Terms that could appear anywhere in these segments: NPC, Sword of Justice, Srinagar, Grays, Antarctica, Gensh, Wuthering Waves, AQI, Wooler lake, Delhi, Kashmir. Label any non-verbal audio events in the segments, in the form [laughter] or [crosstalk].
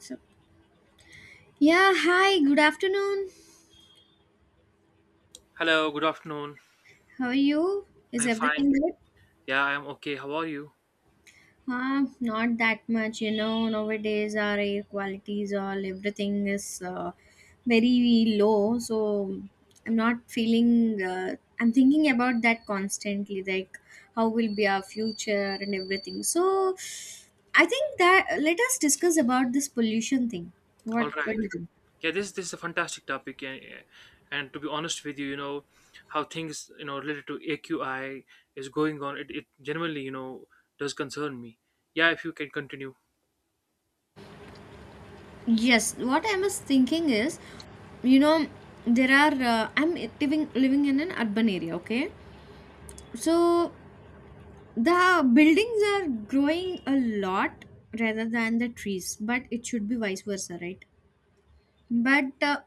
So, yeah, hi, good afternoon. Hello, good afternoon. How are you? Is I'm fine. everything good? Yeah, I'm okay. How are you? Not that much, you know. Nowadays, our air quality is all everything is very low, so I'm not feeling. I'm thinking about that constantly, like how will be our future and everything. So, I think that let us discuss about this pollution thing. All What do right. you think? Yeah, this is a fantastic topic, and to be honest with you, you know how things related to AQI is going on. It genuinely does concern me. Yeah, if you can continue. Yes, what I was thinking is, you know, there are I'm living in an urban area, okay? So the buildings are growing a lot rather than the trees, but it should be vice versa, right? But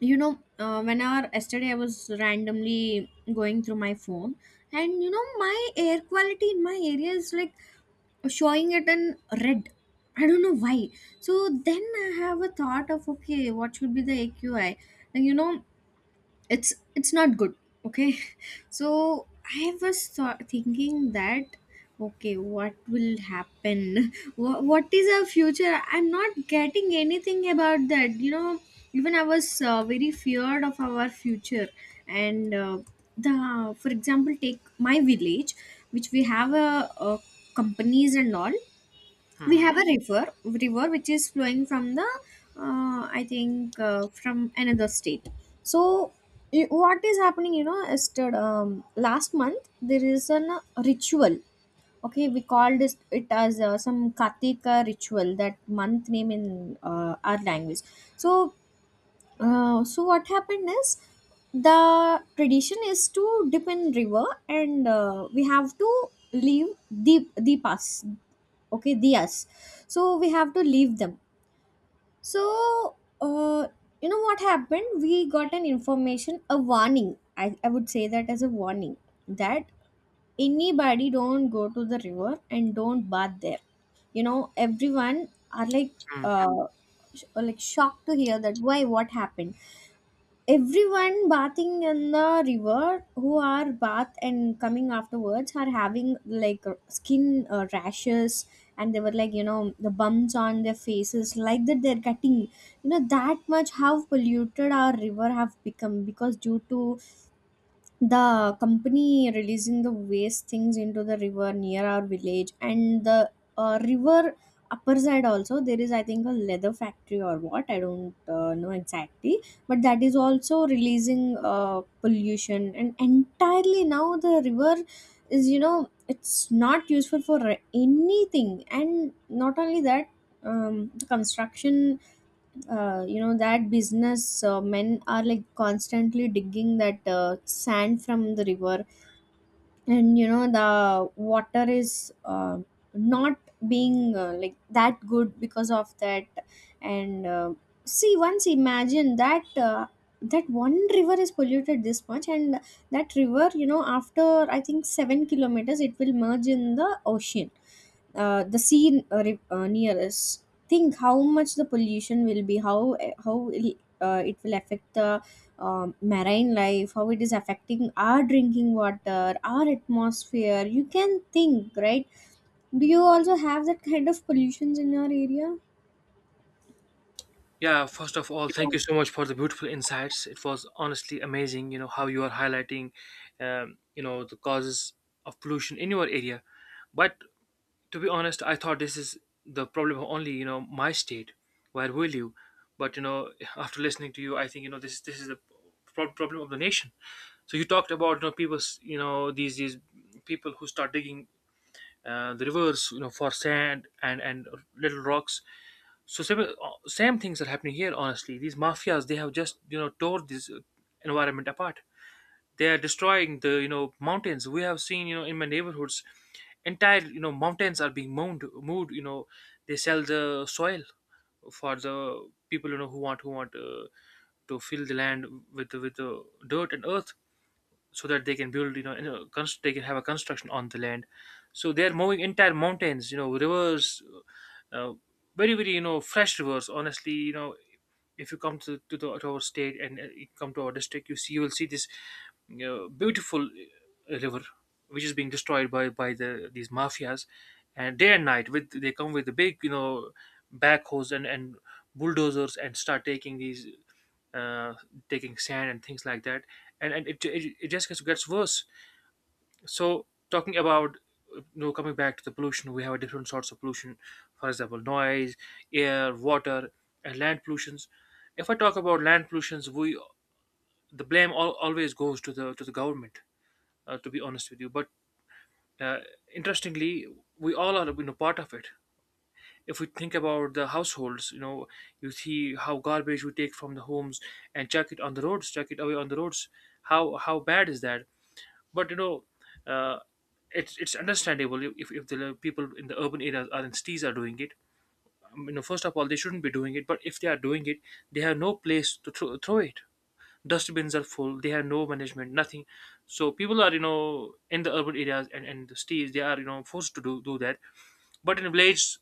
You know, whenever yesterday I was randomly going through my phone, and you know, my air quality in my area is like showing it in red. I don't know why. So then I have a thought of okay, what should be the AQI? And you know, it's not good. Okay, [laughs] so I was thinking that okay, what will happen? [laughs] What is our future? I'm not getting anything about that. You know, even I was very feared of our future. And the For example, take my village, which we have a companies and all. We Hmm. have a river which is flowing from the, I think, from another state. So what is happening, you know, yesterday, last month there is an ritual. Okay, we called this it as, some katika ritual, that month name in, our language. So so what happened is the tradition is to dip in river, and we have to leave the past, okay, diyas. So we have to leave them. So uh, you know what happened, we got an information, a warning, I would say that as a warning, that anybody don't go to the river and don't bath there. You know, everyone are like Mm. uh, like shocked to hear that, why, what happened. Everyone bathing in the river who are bath and coming afterwards are having like skin rashes, and they were like, you know, the bumps on their faces like that they're getting, you know, that much how polluted our river have become, because due to the company releasing the waste things into the river near our village. And the, river upper side, also there is, I think, a leather factory or what, I don't know exactly, but that is also releasing pollution, and entirely now the river is, you know, it's not useful for anything. And not only that, the construction, you know, that business men are like constantly digging that sand from the river, and you know the water is not being like that good because of that. And See, once imagine that, that one river is polluted this much, and that river, you know, after, I think, 7 kilometers, it will merge in the ocean. The sea, nearest, think how much the pollution will be, how it will affect the, marine life, how it is affecting our drinking water, our atmosphere. You can think, right? Do you also have that kind of pollutions in your area? Yeah, first of all, thank you so much for the beautiful insights. It was honestly amazing, you know, how you are highlighting, you know, the causes of pollution in your area. But to be honest, I thought this is the problem of only, my state where we live, but [laughs] after listening to you, I think, this is the problem of the nation. So you talked about, people, these people who start digging, the rivers, for sand and little rocks. So same, same things are happening here. Honestly, these mafias, they have just, tore this environment apart. They are destroying the, mountains. We have seen, in my neighborhoods, entire, mountains are being moved. You know, they sell the soil for the people, who want to fill the land with the dirt and earth, so that they can build, they can have a construction on the land. So they're moving entire mountains, rivers, uh, uh, very, fresh rivers, honestly. You know, if you come to our state, and you come to our district, you see, you will see this, you know, beautiful, river which is being destroyed by these mafias, and day and night, with they come with the big, backhoes and bulldozers, and start taking these, uh, taking sand and things like that. And it just gets worse. So talking about, coming back to the pollution, we have different sorts of pollution. For example, noise, air, water, and land pollutions. If I talk about land pollutions, we, the blame always goes to the government. To be honest with you, but, uh, interestingly, we all are, you know, part of it. If we think about the households, you know, you see how garbage we take from the homes and chuck it on the roads, chuck it away on the roads. How bad is that? But, uh, it's understandable if the people in the urban areas or in cities are doing it. You know, first of all, they shouldn't be doing it. But if they are doing it, they have no place to throw it. Dustbins are full. They have no management, nothing. So people are, in the urban areas and the cities, they are, forced to do that. But in villages,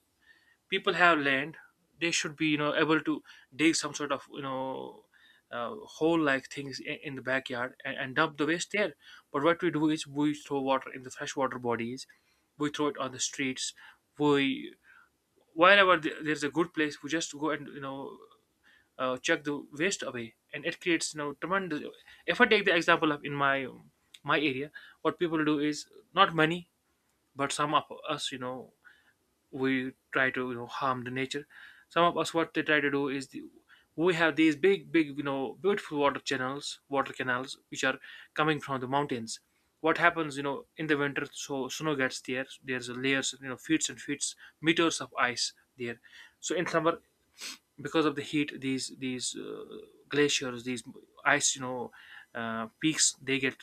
people have land. They should be, able to dig some sort of, hole like things in the backyard, and dump the waste there. But what we do is, we throw water in the freshwater bodies, we throw it on the streets, we, wherever there's a good place, we just go and, chuck the waste away, and it creates, you know, tremendous. If I take the example of in my area, what people do is, not many, but some of us, you know, we try to, harm the nature. Some of us, what they try to do is the, we have these big, beautiful water channels, water canals which are coming from the mountains. What happens, in the winter, so snow gets there, there's a layers, feet and feet, meters of ice there. So in summer, because of the heat, these glaciers, these ice, peaks, they get,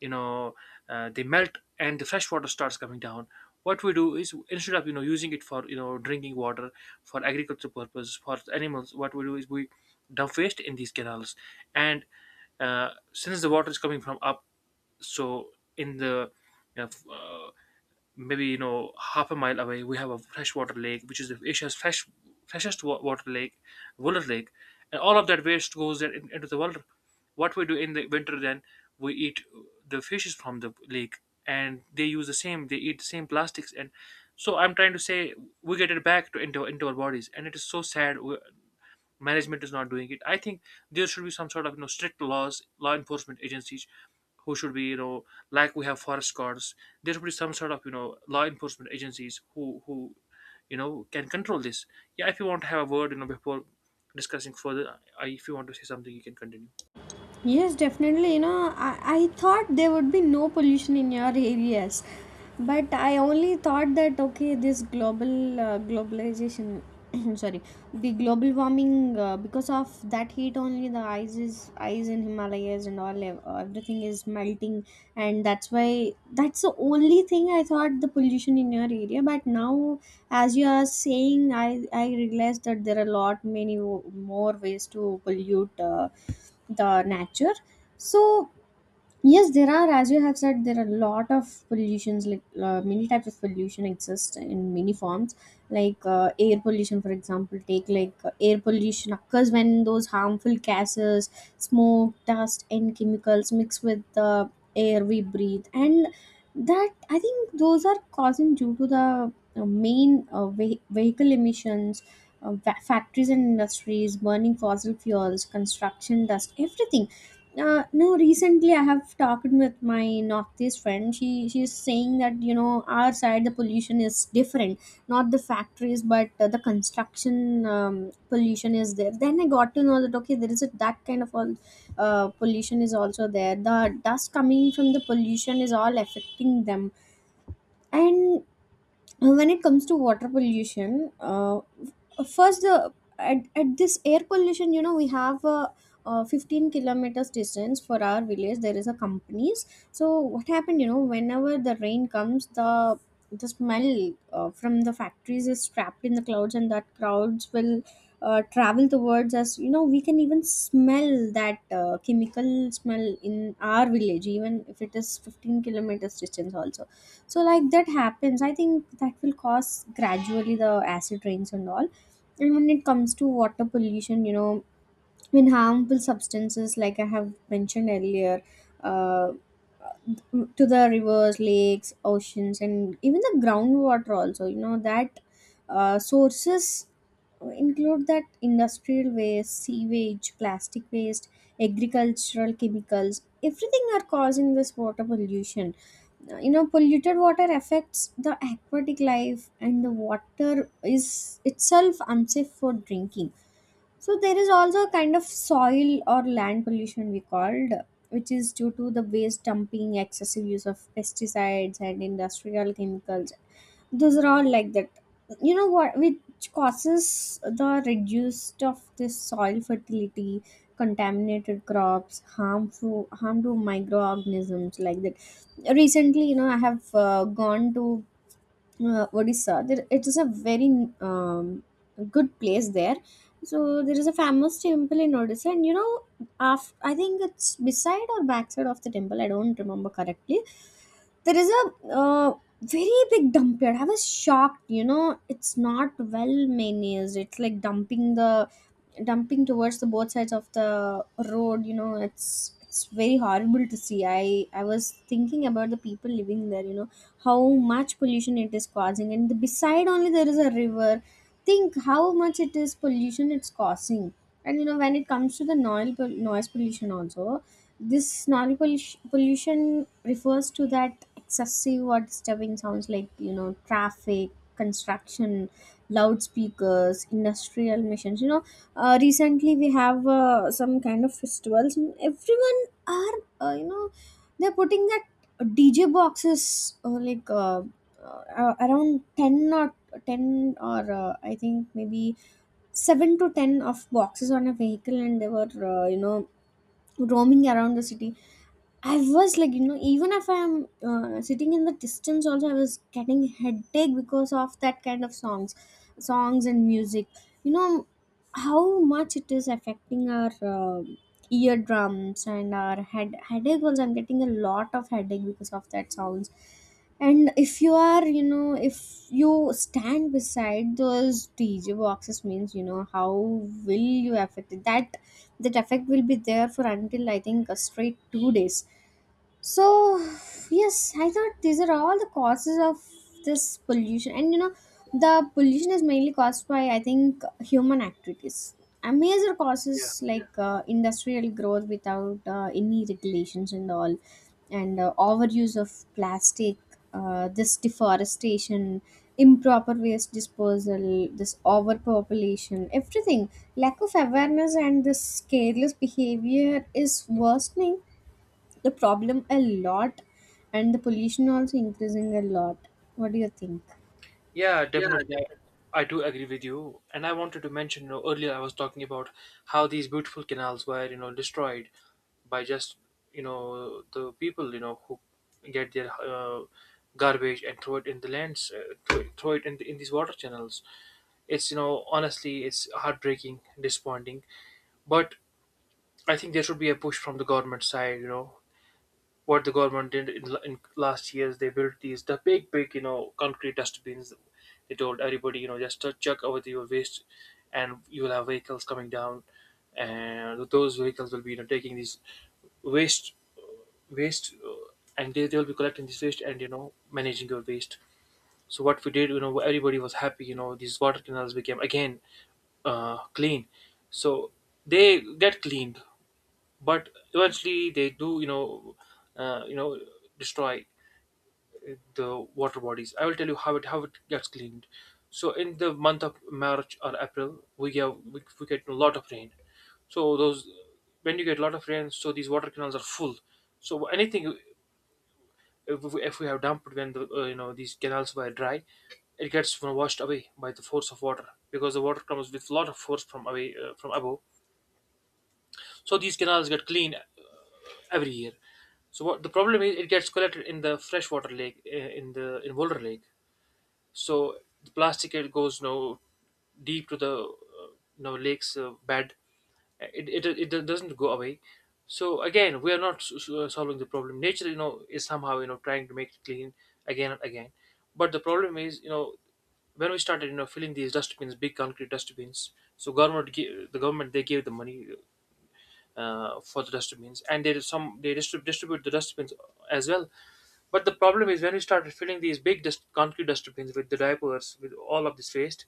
you know they melt, and the fresh water starts coming down. What we do is, instead of, using it for, drinking water, for agricultural purposes, for animals, what we do is we dump waste in these canals. And, since the water is coming from up, so in the, you know, f- uh, maybe, you know, half a mile away we have a freshwater lake which is the Asia's freshest water lake, Wooler Lake, and all of that waste goes there, into the water. What we do in the winter then, we eat the fishes from the lake, and they use the same. They eat the same plastics, and so I'm trying to say, we get it back to into our bodies, and it is so sad. Management is not doing it. I think there should be some sort of, strict laws, law enforcement agencies who should be, you know, like we have forest guards. There should be some sort of, law enforcement agencies who, can control this. Yeah, if you want to have a word, you know, before discussing further, if you want to say something, you can continue. Yes, definitely. You know, I thought there would be no pollution in your areas, but I only thought that okay, this global globalization, [clears throat] sorry, the global warming, because of that heat only the ice is ice in Himalayas and all everything is melting, and that's why that's the only thing I thought the pollution in your area. But now, as you are saying, I realized that there are a lot many more ways to pollute. The nature. So yes, there are, as you have said, there are a lot of pollutions like, many types of pollution exist in many forms, like, air pollution. For example, take like, air pollution occurs when those harmful gases, smoke, dust and chemicals mix with the air we breathe. And that, I think, those are causing due to the main vehicle emissions, factories and industries, burning fossil fuels, construction dust, everything. No, recently I have talked with my northeast friend. She's saying that, you know, our side the pollution is different, not the factories, but the construction pollution is there. Then I got to know that okay, there is a, that kind of all pollution is also there. The dust coming from the pollution is all affecting them. And When it comes to water pollution, first the at this air pollution, you know, we have a, 15 kilometers distance for our village, there is a companies. So what happened, you know, whenever the rain comes, the smell from the factories is trapped in the clouds, and that clouds will travel towards us. You know, we can even smell that chemical smell in our village even if it is 15 kilometers distance also. So like that happens, I think that will cause gradually the acid rains and all. And when it comes to water pollution, you know, in harmful substances like I have mentioned earlier, uh, to the rivers, lakes, oceans and even the groundwater also, you know, that sources include that industrial waste, sewage, plastic waste, agricultural chemicals, everything are causing this water pollution. You know, polluted water affects the aquatic life, and the water is itself unsafe for drinking. So there is also a kind of soil or land pollution we called, which is due to the waste dumping, excessive use of pesticides and industrial chemicals. Those are all like that. You know what? Which causes the reduced of this soil fertility, contaminated crops, harm to microorganisms like that. Recently, you know, I have gone to Odisha. There, it is a very good place there. So there is a famous temple in Odisha, and you know, after, I think it's beside or backside of the temple, I don't remember correctly, there is a very big dump here. I was shocked. You know, it's not well managed. It's like dumping towards the both sides of the road. You know, it's very horrible to see. I was thinking about the people living there. You know, how much pollution it is causing. And beside only there is a river. Think how much it is pollution it's causing. And you know, when it comes to the noise pollution also, this noise pollution pollution refers to that excessive or disturbing sounds, like, you know, traffic, construction, loudspeakers, industrial machines. You know, recently we have some kind of festivals, and everyone are, you know, they're putting that dj boxes, around 10 or 10 or, I think maybe seven to ten of boxes on a vehicle, and they were, you know, roaming around the city. I was like, you know, even if I'm sitting in the distance also, I was getting headache because of that kind of songs and music. You know, how much it is affecting our eardrums and our headache. Also I'm getting a lot of headache because of that sounds. And if you are, you know, if you stand beside those dj boxes, means, you know, how will you affect it, that that effect will be there for until I think a straight 2 days. So, yes, I thought these are all the causes of this pollution. And you know, the pollution is mainly caused by, I think, human activities. A major causes like industrial growth without any regulations and all, and overuse of plastic, this deforestation, improper waste disposal, this overpopulation, everything. Lack of awareness and this careless behavior is worsening the problem a lot, and the pollution also increasing a lot. What do you think? Yeah, definitely. I do agree with you. And I wanted to mention, you know, earlier I was talking about how these beautiful canals were, you know, destroyed by just, you know, the people, you know, who get their, garbage and throw it in the lands, throw it in these water channels. It's, you know, honestly, it's heartbreaking, disappointing. But I think there should be a push from the government side, you know, what the government did in last years. They built these the big, you know, concrete dustbins. They told everybody, you know, just to chuck out your waste, and you will have vehicles coming down, and those vehicles will be, you know, taking these waste waste, and they will be collecting this waste and, you know, managing your waste. So what we did, you know, everybody was happy, you know, these water canals became again, clean. So they get cleaned, but eventually they do, uh, you know destroy the water bodies. I will tell you how it gets cleaned. So in the month of March or April we get, we get a lot of rain. So those, when you get a lot of rain, so these water canals are full. So anything, if we have dumped when the, you know, these canals were dry, it gets, you know, washed away by the force of water, because the water comes with a lot of force from away, from above. So these canals get cleaned, every year. So what the problem is, it gets collected in the freshwater lake, in Boulder Lake. So the plastic, it goes, you know, deep to the, you know, lake's, bed. It doesn't go away. So again, we are not solving the problem. Nature, you know, is somehow, you know, trying to make it clean again and again. But the problem is, you know, when we started, you know, filling these dustbins, big concrete dustbins. So government, the government, they gave the money, for the dustbins, and they do some, they distribute the dustbins as well. But the problem is, when we started filling these big, concrete dustbins with the diapers, with all of this waste,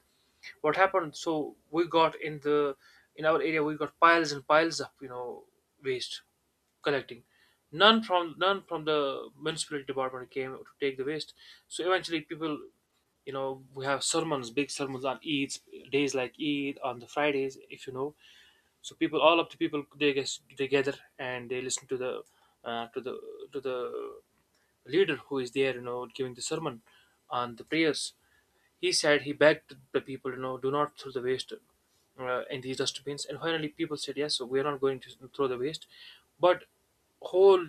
what happened? So we got in the in our area, we got piles and piles of, you know, waste collecting. None from the municipality department came to take the waste. So eventually people, we have sermons, big sermons on Eid days, like Eid on the Fridays if you know. So people, all of the people, they get they gather and they listen to the uh, to the to the leader who is there, you know, giving the sermon on the prayers. He said, he begged the people, you know, do not throw the waste in these dustbins. And finally people said yes, so we are not going to throw the waste. But whole,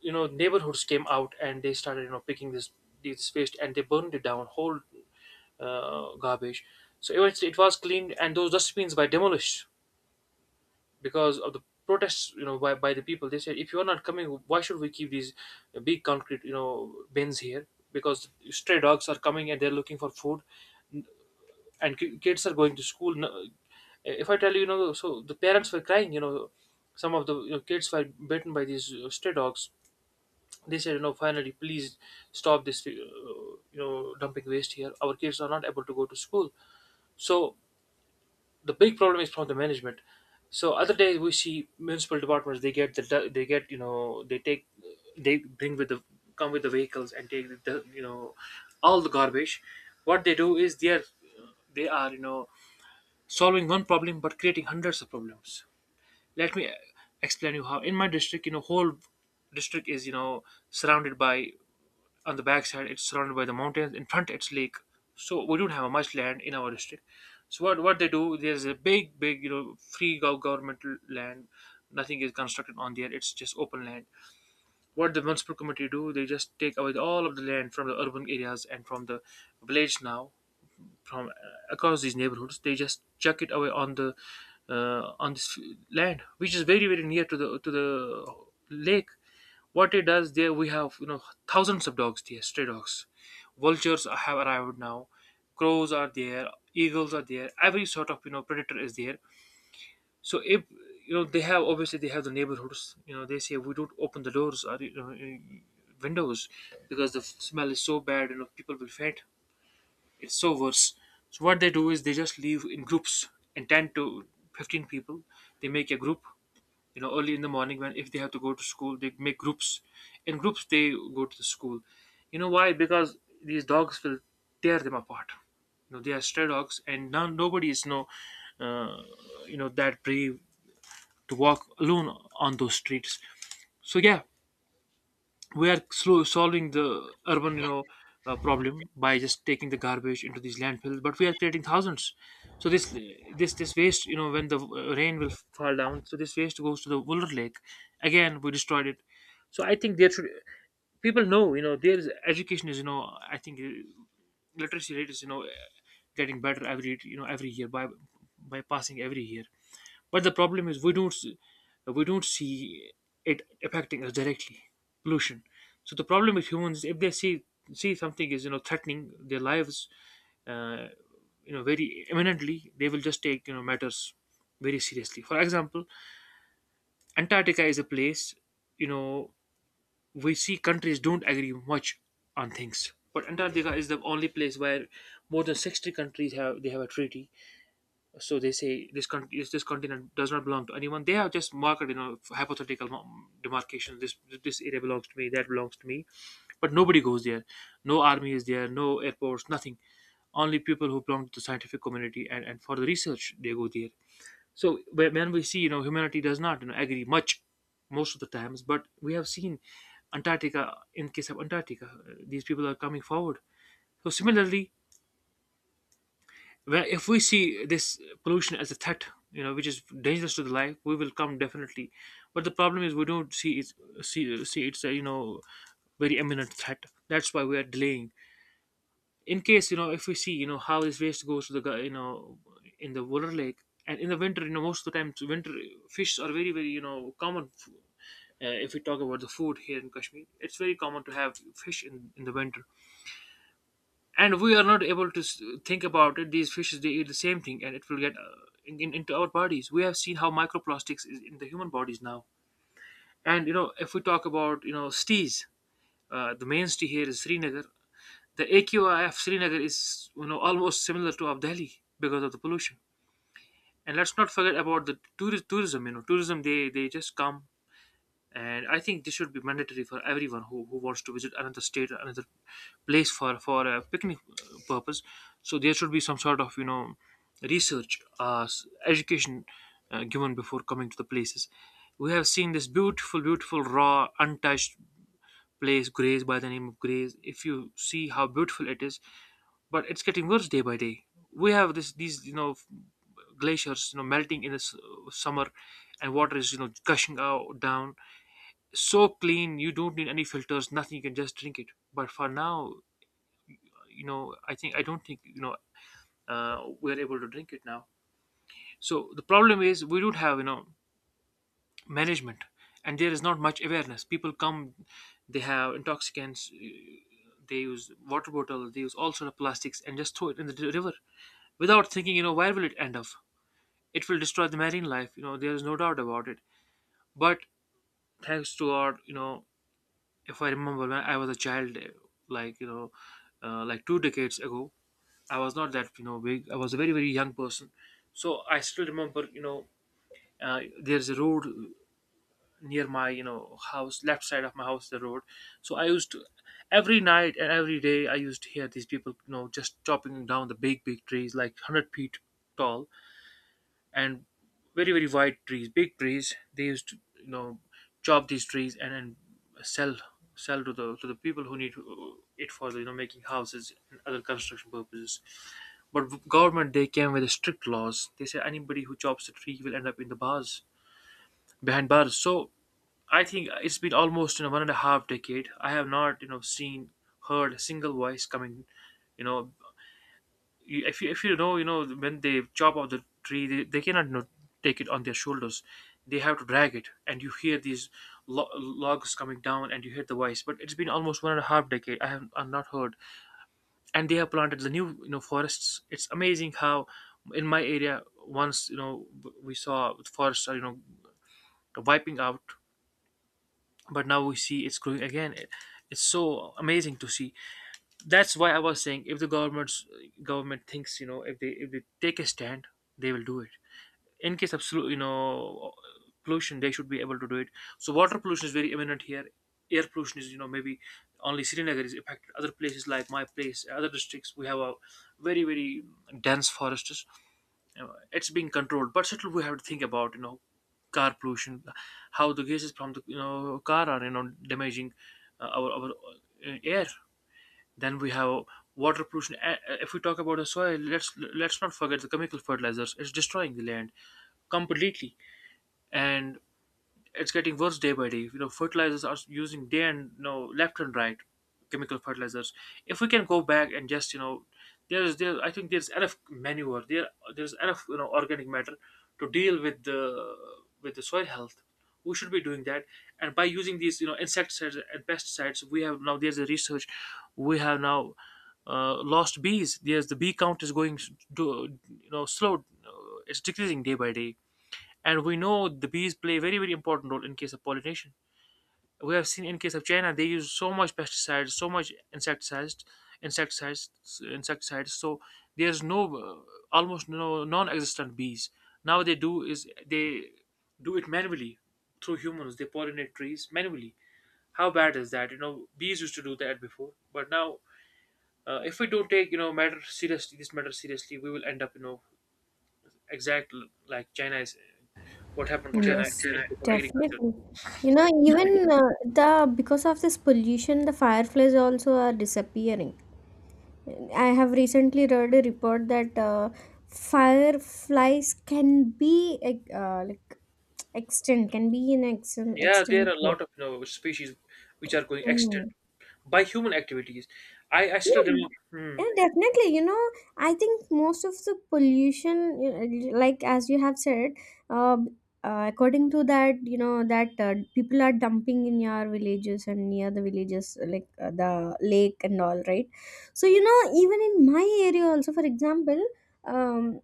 you know, neighborhoods came out and they started, you know, picking this waste and they burned it down, whole garbage. So eventually it was cleaned and those dustbins were demolished because of the protests, you know, by the people. They said, if you are not coming, why should we keep these big concrete, you know, bins here? Because stray dogs are coming and they're looking for food, and kids are going to school. If I tell you, you know, so the parents were crying, you know, some of the, you know, kids were bitten by these stray dogs. They said, you know, finally please stop this dumping waste here. Our kids are not able to go to school. So the big problem is from the management. So other days we see municipal departments, they get the they get you know they take they bring with the come with the vehicles and take the, you know, all the garbage. What they do is they are, they are, you know, solving one problem but creating hundreds of problems. Let me explain you how in my district, you know, whole district is, you know, surrounded by, on the backside it's surrounded by the mountains, in front it's lake. So we don't have much land in our district. So what they do, there's a big big, you know, free governmental land, nothing is constructed on there, it's just open land. What the municipal committee do, they just take away all of the land from the urban areas and from the village. Now from across these neighborhoods, they just chuck it away on the on this land which is very very near to the lake. What it does, there we have, you know, thousands of dogs there, stray dogs. Vultures have arrived now, crows are there, eagles are there, every sort of, you know, predator is there. So if, you know, they have, obviously they have the neighborhoods, you know, they say we don't open the doors or, you know, windows because the smell is so bad, you know, people will faint, it's so worse. So what they do is they just leave in groups, and 10 to 15 people. They make a group, you know, early in the morning when if they have to go to school, they make groups. In groups they go to the school. You know why? Because these dogs will tear them apart. You know, they are stray dogs and now nobody is, no uh, you know, that brave to walk alone on those streets. So yeah, we are slow solving the urban, you know, problem by just taking the garbage into these landfills, but we are creating thousands. So this waste, you know, when the rain will fall down, so this waste goes to the Wooler lake. Again we destroyed it. So I think there should, people know, you know, there's education is, you know, I think literacy rate is, you know, getting better every, you know, every year by passing every year. But the problem is we don't see it affecting us directly. Pollution. So the problem with humans, if they see, see something is, you know, threatening their lives, uh, you know, very imminently, they will just take, you know, matters very seriously. For example, Antarctica is a place, you know, we see countries don't agree much on things, but Antarctica is the only place where more than 60 countries have, they have a treaty. So they say this country, this continent does not belong to anyone. They have just marked, you know, hypothetical demarcation, this area belongs to me, that belongs to me, but nobody goes there. No army is there, no airports, nothing. Only people who belong to the scientific community, and for the research, they go there. So when we see, you know, humanity does not, you know, agree much most of the times, but we have seen Antarctica, in case of Antarctica, these people are coming forward. So similarly, well, if we see this pollution as a threat, you know, which is dangerous to the life, we will come definitely. But the problem is we don't see it, see it's a, you know, very imminent threat. That's why we are delaying. In case, you know, if we see, you know, how this waste goes to the you know, in the water lake, and in the winter, you know, most of the times winter, fish are very very, you know, common. If we talk about the food here in Kashmir, it's very common to have fish in the winter. And we are not able to think about it. These fishes, they eat the same thing and it will get into our bodies. We have seen how microplastics is in the human bodies now. And you know, if we talk about, you know, stees, the main stee here is Srinagar. The AQI of Srinagar is, you know, almost similar to of Delhi, because of the pollution. And let's not forget about the tourist tourism, you know, tourism, they just come. And I think this should be mandatory for everyone who wants to visit another state or another place for a picnic purpose. So there should be some sort of, you know, research, education given before coming to the places. We have seen this beautiful, beautiful raw, untouched place, Grays, by the name of Grays. If you see how beautiful it is, but it's getting worse day by day. We have this these, you know, glaciers, you know, melting in the summer and water is, you know, gushing out down so clean you don't need any filters, nothing, you can just drink it. But for now, you know, I think I don't think, you know, we're able to drink it now. So the problem is we don't have, you know, management, and there is not much awareness. People come, they have intoxicants, they use water bottles, they use all sort of plastics and just throw it in the river without thinking, you know, where will it end up. It will destroy the marine life, you know, there is no doubt about it. But thanks to our, you know, if I remember when I was a child, like, you know, like two decades ago, I was not that, you know, big. I was a very very young person. So I still remember, you know, there's a road near my, you know, house, left side of my house, the road. So I used to, every night and every day I used to hear these people, you know, just chopping down the big big trees, like hundred feet tall and very very wide trees, big trees. They used to, you know, chop these trees and then sell sell to the people who need it for the, you know, making houses and other construction purposes. But government, they came with strict laws. They said anybody who chops a tree will end up in the bars, behind bars. So I think it's been almost, you know, one and a half decade I have not, you know, seen, heard a single voice coming, you know. If you if you know, you know, when they chop off the tree, they cannot, you know, take it on their shoulders, they have to drag it, and you hear these logs coming down and you hear the voice. But it's been almost one and a half decade I have I not heard. And they have planted the new, you know, forests. It's amazing how in my area, once, you know, we saw the forests are, you know, wiping out, but now we see it's growing again. It's so amazing to see. That's why I was saying if the government thinks, you know, if they, if they take a stand, they will do it. In case of you know, pollution, they should be able to do it. So water pollution is very imminent here. Air pollution is, you know, maybe only Srinagar is affected. Other places like my place, other districts, we have a very very dense forests. You know, it's being controlled, but still we have to think about, you know, car pollution, how the gases from the, you know, car are, you know, damaging our air. Then we have water pollution. If we talk about the soil, let's not forget the chemical fertilizers. It's destroying the land completely, and it's getting worse day by day. You know, fertilizers are using day and, you know, left and right, chemical fertilizers. If we can go back and just, you know, there's there I think there's enough manure there. There's enough, you know, organic matter to deal with the soil health. We should be doing that, and by using these, you know, insecticides and pesticides, we have now, there's a research. We have now lost bees. There's the bee count is going to, you know, slow. It's decreasing day by day. And we know the bees play a very very important role in case of pollination. We have seen in case of China, they use so much pesticides, so much insecticides insecticides. So there's no almost no, non-existent bees. Now they do is they do it manually, through humans they pollinate trees manually. How bad is that? You know, bees used to do that before, but now if we don't take, you know, matter seriously, this matter seriously, we will end up, you know, exact like China is, what happened to China Yes, in case of agriculture. definitely. You know, even the because of this pollution, the fireflies also are disappearing. I have recently read a report that fireflies can be like extinct, can be Yeah, there extinct are a way. lot of, you know, species which are going extinct Hmm. by human activities. I still Yeah, remember. Hmm, yeah, definitely. You know, I think most of the pollution, you know, like as you have said, uh, according to that, you know, that people are dumping in your villages and near the villages, like the lake and all, right? So, you know, even in my area also, for example, um,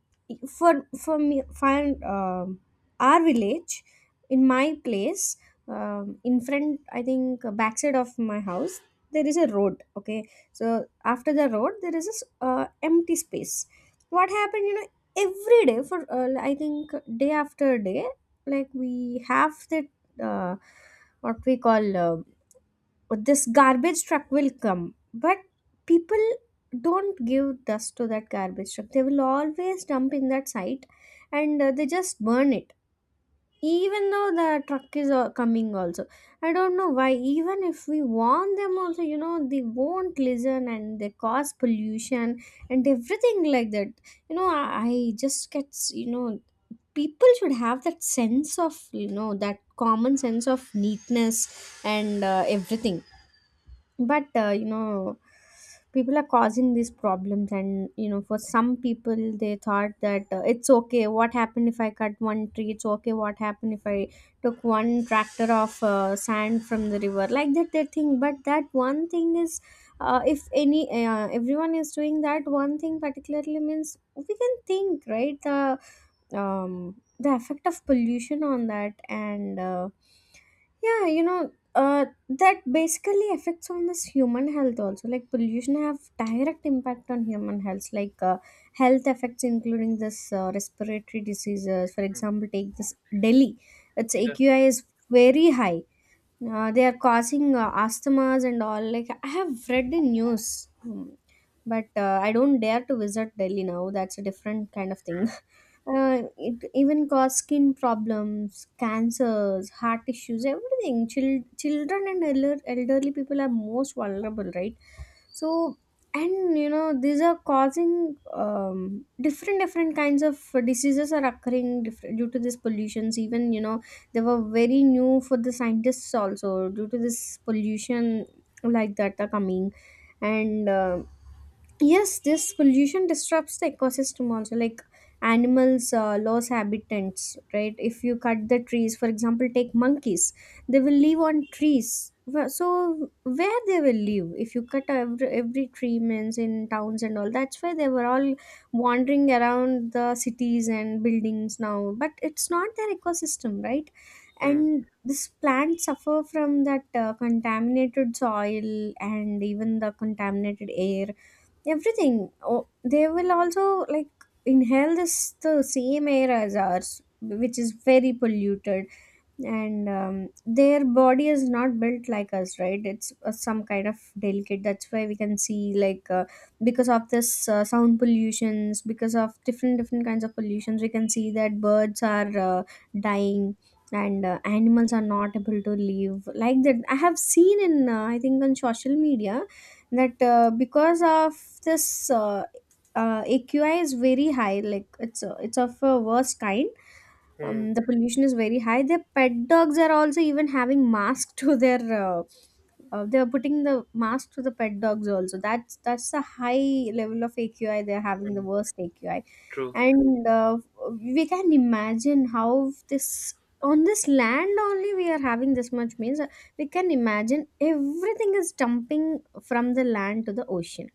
for me, find our village in my place, in front, I think, backside of my house, there is a road. Okay, so after the road there is this empty space. What happened, you know, every day for I think, day after day, like we have that uh, what we call this garbage truck will come, but people don't give dust to that garbage truck. They will always dump in that site and they just burn it, even though the truck is coming also. I don't know why. Even if we warn them also, you know, they won't listen and they cause pollution and everything like that. You know, I just get, you know, people should have that sense of, you know, that common sense of neatness and everything. But you know, people are causing these problems. And you know, for some people, they thought that it's okay, what happened if I cut one tree? It's okay, what happened if I took one tractor of sand from the river, like that they think. But that one thing is, if any everyone is doing that one thing particularly means, we can think, right, the effect of pollution on that. And yeah, you know, that basically affects on this human health also. Like, pollution have direct impact on human health, like health effects including this respiratory diseases. For example, take this Delhi, its yeah. AQI is very high. They are causing asthmas and all, like I have read the news. Hmm. But I don't dare to visit Delhi now, that's a different kind of thing. [laughs] It even cause skin problems, cancers, heart issues, everything. Children and elderly people are most vulnerable, right? So, and you know, these are causing different different kinds of diseases are occurring different due to these pollutions. Even, you know, they were very new for the scientists also, due to this pollution, like that are coming. And yes, this pollution disrupts the ecosystem also, like animals lose habitats, right? If you cut the trees, for example, take monkeys, they will live on trees. So where they will live? If you cut every tree means, in towns and all, that's why they were all wandering around the cities and buildings now. But it's not their ecosystem, right? Hmm, And this plant suffer from that contaminated soil and even the contaminated air, everything. Oh, they will also like inhale this, the same air as ours, which is very polluted. And their body is not built like us, right? It's some kind of delicate. That's why we can see, like, because of this sound pollutions, because of different different kinds of pollutions, we can see that birds are dying and animals are not able to live like that. I have seen in I think on social media that because of this AQI is very high, like it's it's of a worst kind. hmm, The pollution is very high. Their pet dogs are also even having masks to their. Uh, they are putting the mask to the pet dogs also. That's a high level of AQI. They are having the hmm, worst AQI, true. and we can imagine how this, on this land only, we are having this much means, we can imagine everything is dumping from the land to the ocean.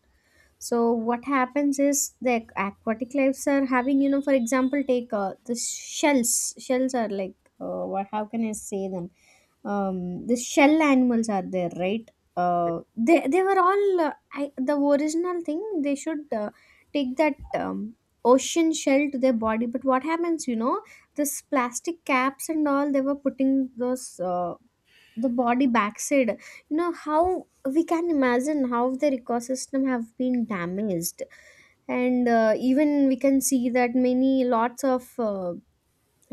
So what happens is, the aquatic lives are having, you know, for example take the shells are like, what, how can I say them, the shell animals are there, right? They were all the original thing, they should take that ocean shell to their body. But what happens, you know, this plastic caps and all, they were putting those the body backside. You know how, we can imagine how their ecosystem have been damaged. And even we can see that many lots of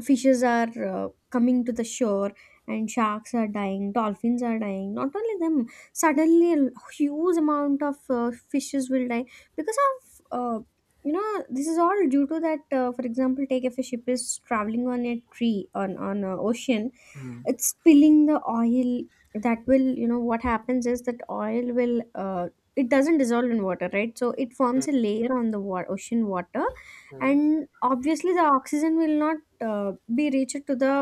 fishes are coming to the shore, and sharks are dying, dolphins are dying, not only them, suddenly a huge amount of fishes will die because of uh, you know, this is all due to that. For example, take if a ship is traveling on a tree on a ocean, Hmm, it's spilling the oil. That will, you know, what happens is that oil will, it doesn't dissolve in water, right? So it forms a layer on the ocean water, hmm, and obviously the oxygen will not be reached to the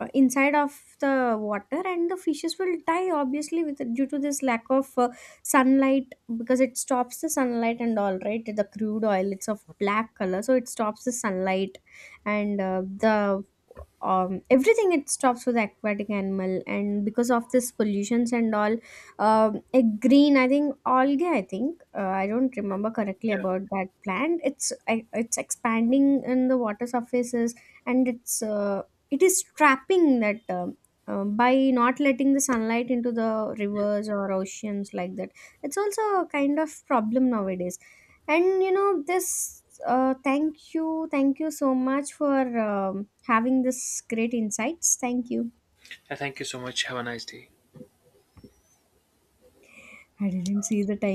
inside of the water, and the fishes will die obviously with due to this lack of sunlight, because it stops the sunlight and all, right? The crude oil, it's of black color, so it stops the sunlight. And the everything, it stops with aquatic animal. And because of this pollutions and all, a green, I think algae, I think, I don't remember correctly yeah. about that plant. It's expanding in the water surfaces, and it's it is trapping that by not letting the sunlight into the Hmm. rivers or oceans like that. It's also a kind of problem nowadays. And you know, this thank you, thank you so much for having this great insights, thank you. Yeah. Thank you so much. Have a nice day. I didn't see the time.